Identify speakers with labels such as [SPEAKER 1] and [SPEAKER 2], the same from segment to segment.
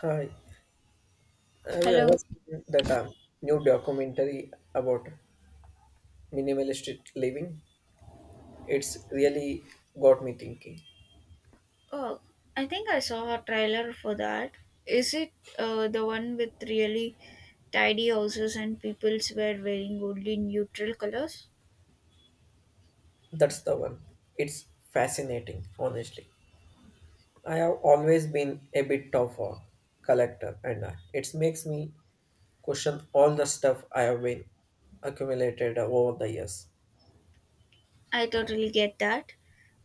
[SPEAKER 1] Hi, have you
[SPEAKER 2] Hello.
[SPEAKER 1] ever seen that new documentary about minimalist living? It's really got me thinking.
[SPEAKER 2] Oh, I think I saw a trailer for that. Is it the one with really tidy houses and peoples were wearing only neutral colors?
[SPEAKER 1] That's the one. It's fascinating, honestly. I have always been a bit of a collector, and it makes me question all the stuff I have been accumulated over the years.
[SPEAKER 2] I totally get that.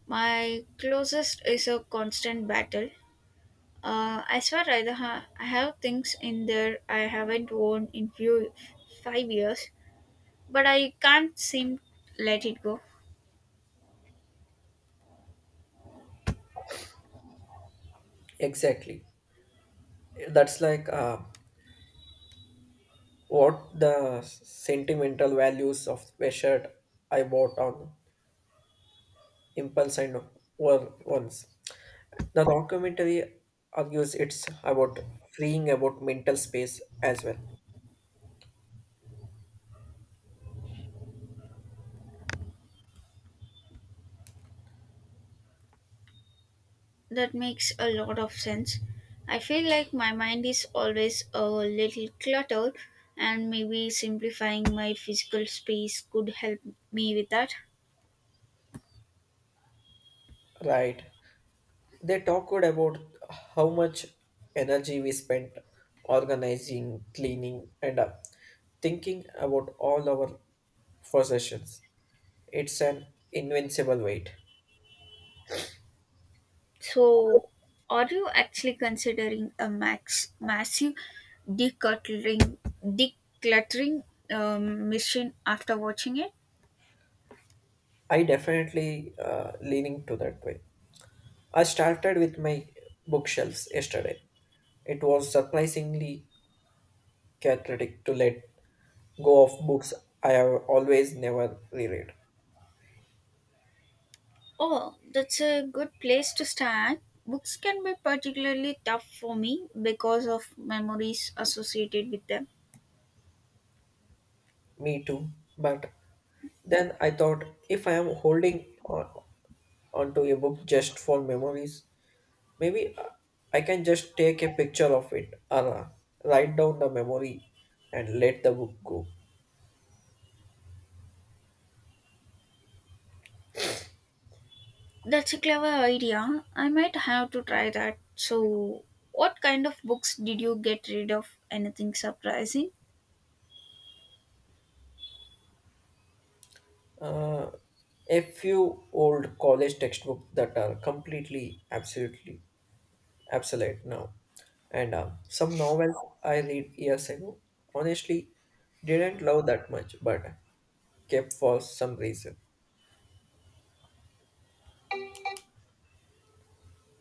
[SPEAKER 2] My closest is a constant battle. I swear I have things in there I haven't worn in few 5 years, but I can't seem let it go.
[SPEAKER 1] Exactly. That's like what the sentimental values of a shirt I bought on impulse and war ones. The documentary argues it's about freeing about mental space as well,
[SPEAKER 2] That makes a lot of sense. I feel like my mind is always a little cluttered, and maybe simplifying my physical space could help me with that.
[SPEAKER 1] right? They talked about how much energy we spent organizing, cleaning, and thinking about all our possessions. It's an invincible weight.
[SPEAKER 2] So, are you actually considering a max massive decluttering decluttering mission after watching it?
[SPEAKER 1] I definitely leaning to that way. I started with my bookshelves yesterday. It was surprisingly cathartic to let go of books I have always never reread.
[SPEAKER 2] Oh, that's a good place to start. Books can be particularly tough for me because of memories associated with them.
[SPEAKER 1] Me too. But then I thought if I am holding on onto a book just for memories, maybe I can just take a picture of it or write down the memory and let the book go.
[SPEAKER 2] That's a clever idea. I might have to try that. So, what kind of books did you get rid of? Anything surprising?
[SPEAKER 1] Uh, a few old college textbooks that are completely, absolutely absolute no. And some novels I read years ago, honestly, didn't love that much, but kept for some reason.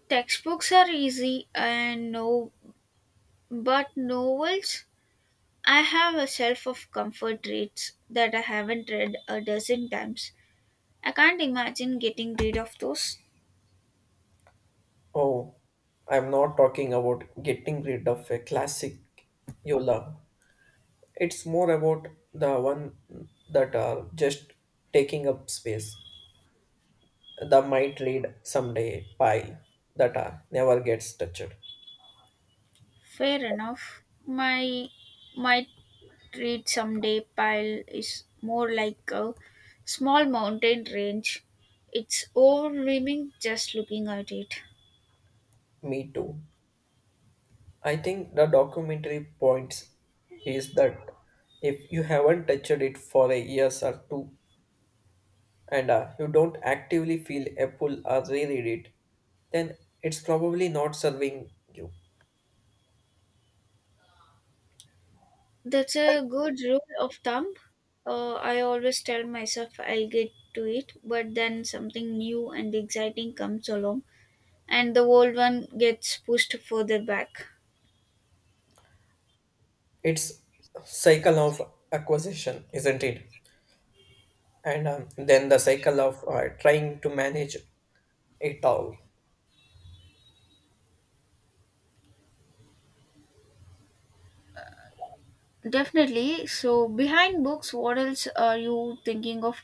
[SPEAKER 2] Textbooks are easy and no, but novels? I have a shelf of comfort reads that I haven't read a dozen times. I can't imagine getting rid of those.
[SPEAKER 1] Oh, I'm not talking about getting rid of a classic you love. It's more about the one that are just taking up space. The might read someday pile that never gets touched.
[SPEAKER 2] Fair enough. My might treat someday pile is more like a small mountain range. It's overwhelming just looking at it.
[SPEAKER 1] Me too. I think the documentary points is that if you haven't touched it for a years or two and you don't actively feel a pull or reread it, then it's probably not serving you.
[SPEAKER 2] That's a good rule of thumb. I always tell myself I'll get to it, but then something new and exciting comes along, and the old one gets pushed further back.
[SPEAKER 1] It's cycle of acquisition, isn't it? And then the cycle of trying to manage it all.
[SPEAKER 2] Definitely. So, behind books, what else are you thinking of?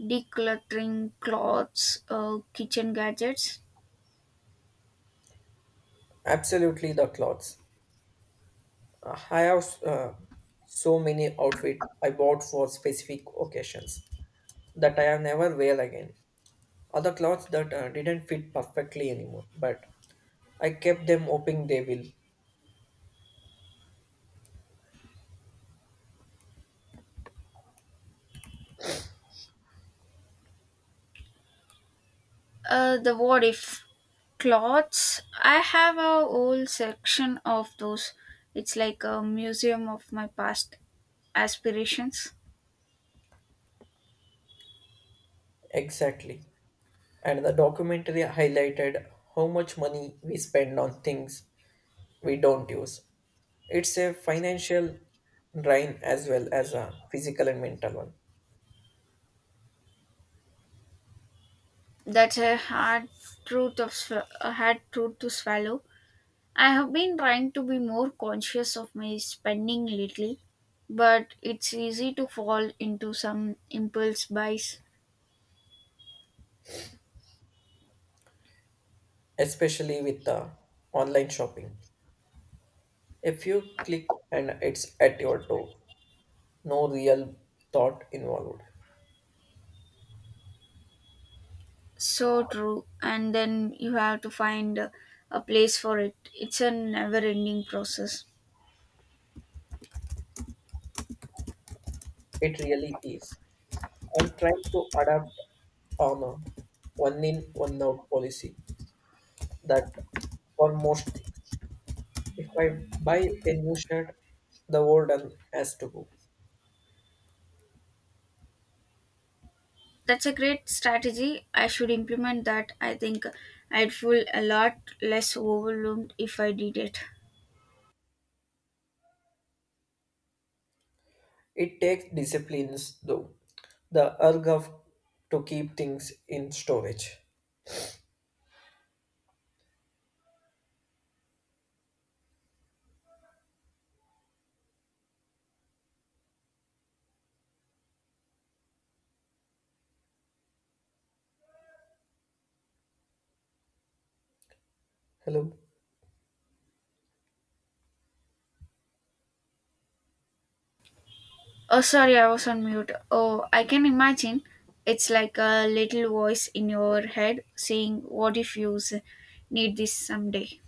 [SPEAKER 2] Decluttering clothes, kitchen gadgets?
[SPEAKER 1] Absolutely, the clothes. I have so many outfits I bought for specific occasions that I have never wear again. Other clothes that didn't fit perfectly anymore, but I kept them hoping they will.
[SPEAKER 2] The what if clothes. I have a whole section of those. It's like a museum of my past aspirations.
[SPEAKER 1] Exactly. And the documentary highlighted how much money we spend on things we don't use. It's a financial drain as well as a physical and mental one,
[SPEAKER 2] That's a hard truth of sw- a hard truth to swallow. I have been trying to be more conscious of my spending lately, but it's easy to fall into some impulse buys.
[SPEAKER 1] especially with the online shopping. If you click and it's at your door, no real thought involved.
[SPEAKER 2] So true, and then you have to find a place for it. It's a never-ending process.
[SPEAKER 1] It really is. I'm trying to adapt on a one in one out policy that for most things. If I buy a new shirt, the old one has to go.
[SPEAKER 2] That's a great strategy. I should implement that. I think I'd feel a lot less overwhelmed if I did it.
[SPEAKER 1] It takes disciplines though. The urge of to keep things in storage. Hello.
[SPEAKER 2] Oh, sorry, I was on mute. Oh, I can imagine. It's like a little voice in your head saying, what if need this someday?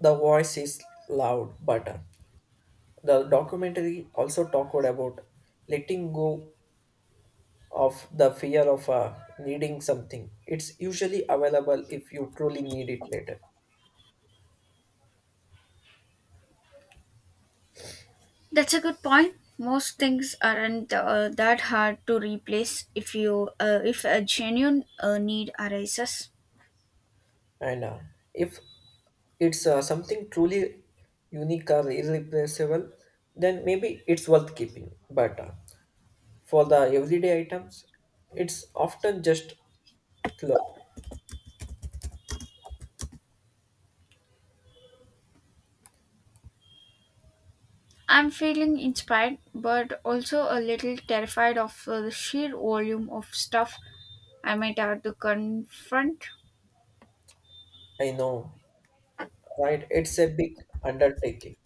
[SPEAKER 1] The voice is loud, but the documentary also talked about letting go of the fear of needing something. It's usually available if you truly need it later.
[SPEAKER 2] That's a good point. Most things aren't that hard to replace if a genuine need arises.
[SPEAKER 1] And if it's something truly unique or irreplaceable, then maybe it's worth keeping. But for the everyday items, it's often just clothes.
[SPEAKER 2] I'm feeling inspired, but also a little terrified of the sheer volume of stuff I might have to confront.
[SPEAKER 1] I know, right? It's a big undertaking.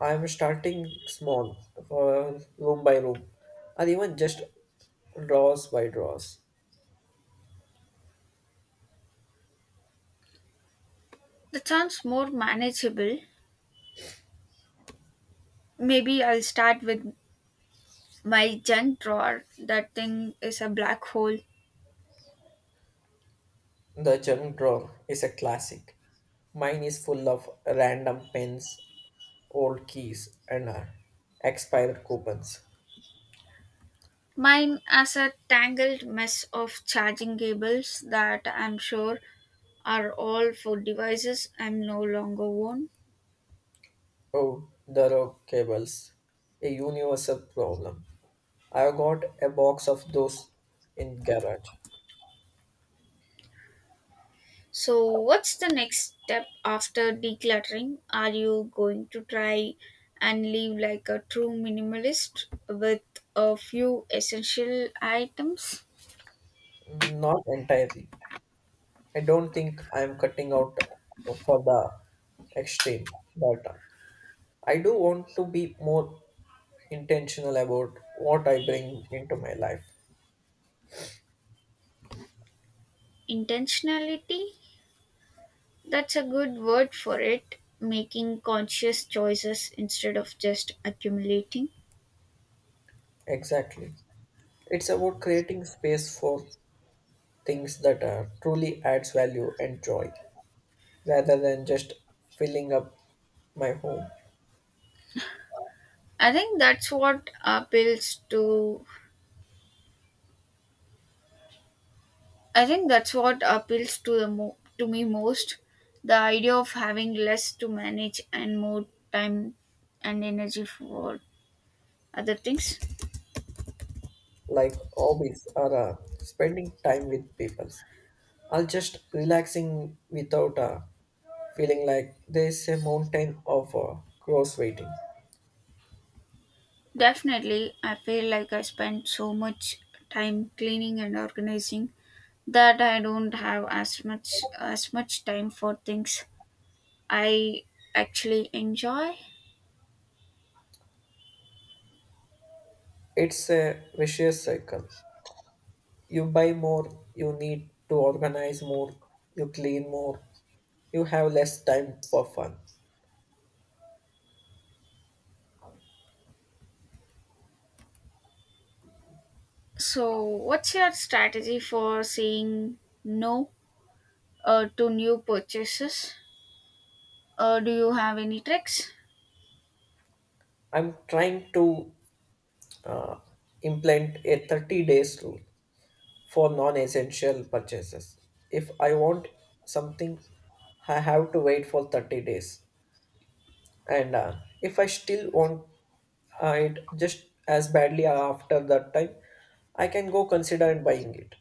[SPEAKER 1] I'm starting small for room by room, or even just drawers by drawers.
[SPEAKER 2] That sounds more manageable. Maybe I'll start with my junk drawer. That thing is a black hole.
[SPEAKER 1] The junk drawer is a classic. Mine is full of random pens, old keys, and expired coupons.
[SPEAKER 2] Mine has a tangled mess of charging cables that I'm sure are all for devices I'm no longer on.
[SPEAKER 1] Oh, the rogue cables, a universal problem. I've got a box of those in garage.
[SPEAKER 2] So, what's the next step after decluttering? Are you going to try and live like a true minimalist with a few essential items?
[SPEAKER 1] Not entirely. I don't think I'm cutting out for the extreme, but I do want to be more intentional about what I bring into my life.
[SPEAKER 2] Intentionality? That's a good word for it. Making conscious choices instead of just accumulating.
[SPEAKER 1] Exactly. It's about creating space for things that truly adds value and joy, rather than just filling up my home,
[SPEAKER 2] I think that's what appeals to I think that's what appeals to to me most. The idea of having less to manage and more time and energy for other things.
[SPEAKER 1] like hobbies or spending time with people. I'll just relaxing without feeling like there's a mountain of cross waiting.
[SPEAKER 2] Definitely, I feel like I spend so much time cleaning and organizing that I don't have as much time for things I actually enjoy.
[SPEAKER 1] It's a vicious cycle. You buy more, you need to organize more, you clean more, you have less time for fun.
[SPEAKER 2] So, what's your strategy for saying no to new purchases? Do you have any tricks?
[SPEAKER 1] I'm trying to uh, implement a 30 days rule for non-essential purchases. If I want something, I have to wait for 30 days. And if I still want it just as badly after that time, I can go consider and buying it.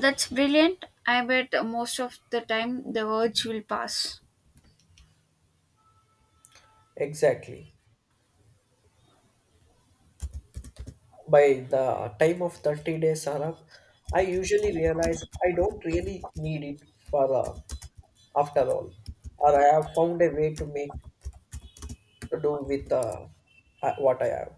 [SPEAKER 2] That's brilliant. I bet most of the time the urge will pass.
[SPEAKER 1] Exactly. By the time of 30 days are up, I usually realize I don't really need it for after all, or I have found a way to make to do with what I have.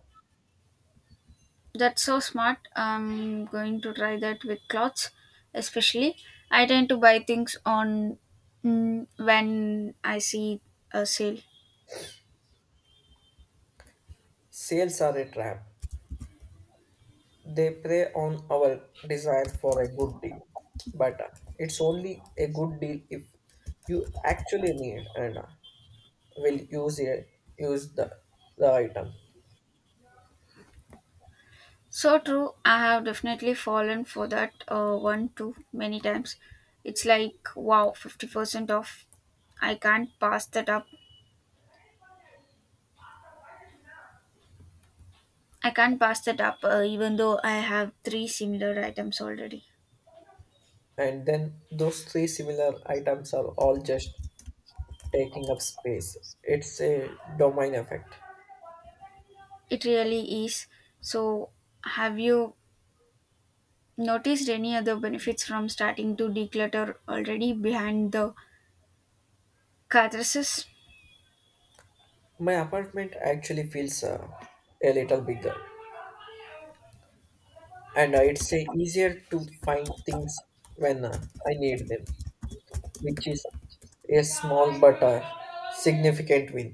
[SPEAKER 2] That's so smart. I'm going to try that with clothes, especially. I tend to buy things on when I see a sale.
[SPEAKER 1] Sales are a trap. They prey on our desire for a good deal, but it's only a good deal if you actually need and will use it, use the item.
[SPEAKER 2] So true. I have definitely fallen for that one too many times. It's like wow, 50% off. I can't pass that up. I can't pass that up, even though I have three similar items already.
[SPEAKER 1] And then those three similar items are all just taking up space. It's a domain effect.
[SPEAKER 2] It really is. So, have you noticed any other benefits from starting to declutter already behind the catharsis?
[SPEAKER 1] My apartment actually feels a little bigger, and it's easier to find things when I need them, which is a small but a significant win.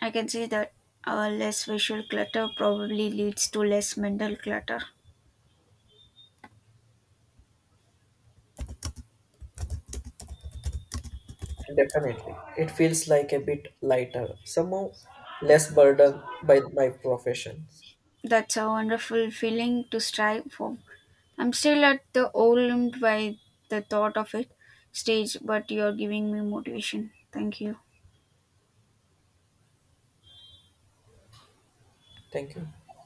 [SPEAKER 2] I can see that less visual clutter probably leads to less mental clutter.
[SPEAKER 1] Definitely. It feels like a bit lighter, somehow less burdened by my professions.
[SPEAKER 2] That's a wonderful feeling to strive for. I'm still at the overwhelmed by the thought of it stage, but you're giving me motivation. Thank you.
[SPEAKER 1] Thank you.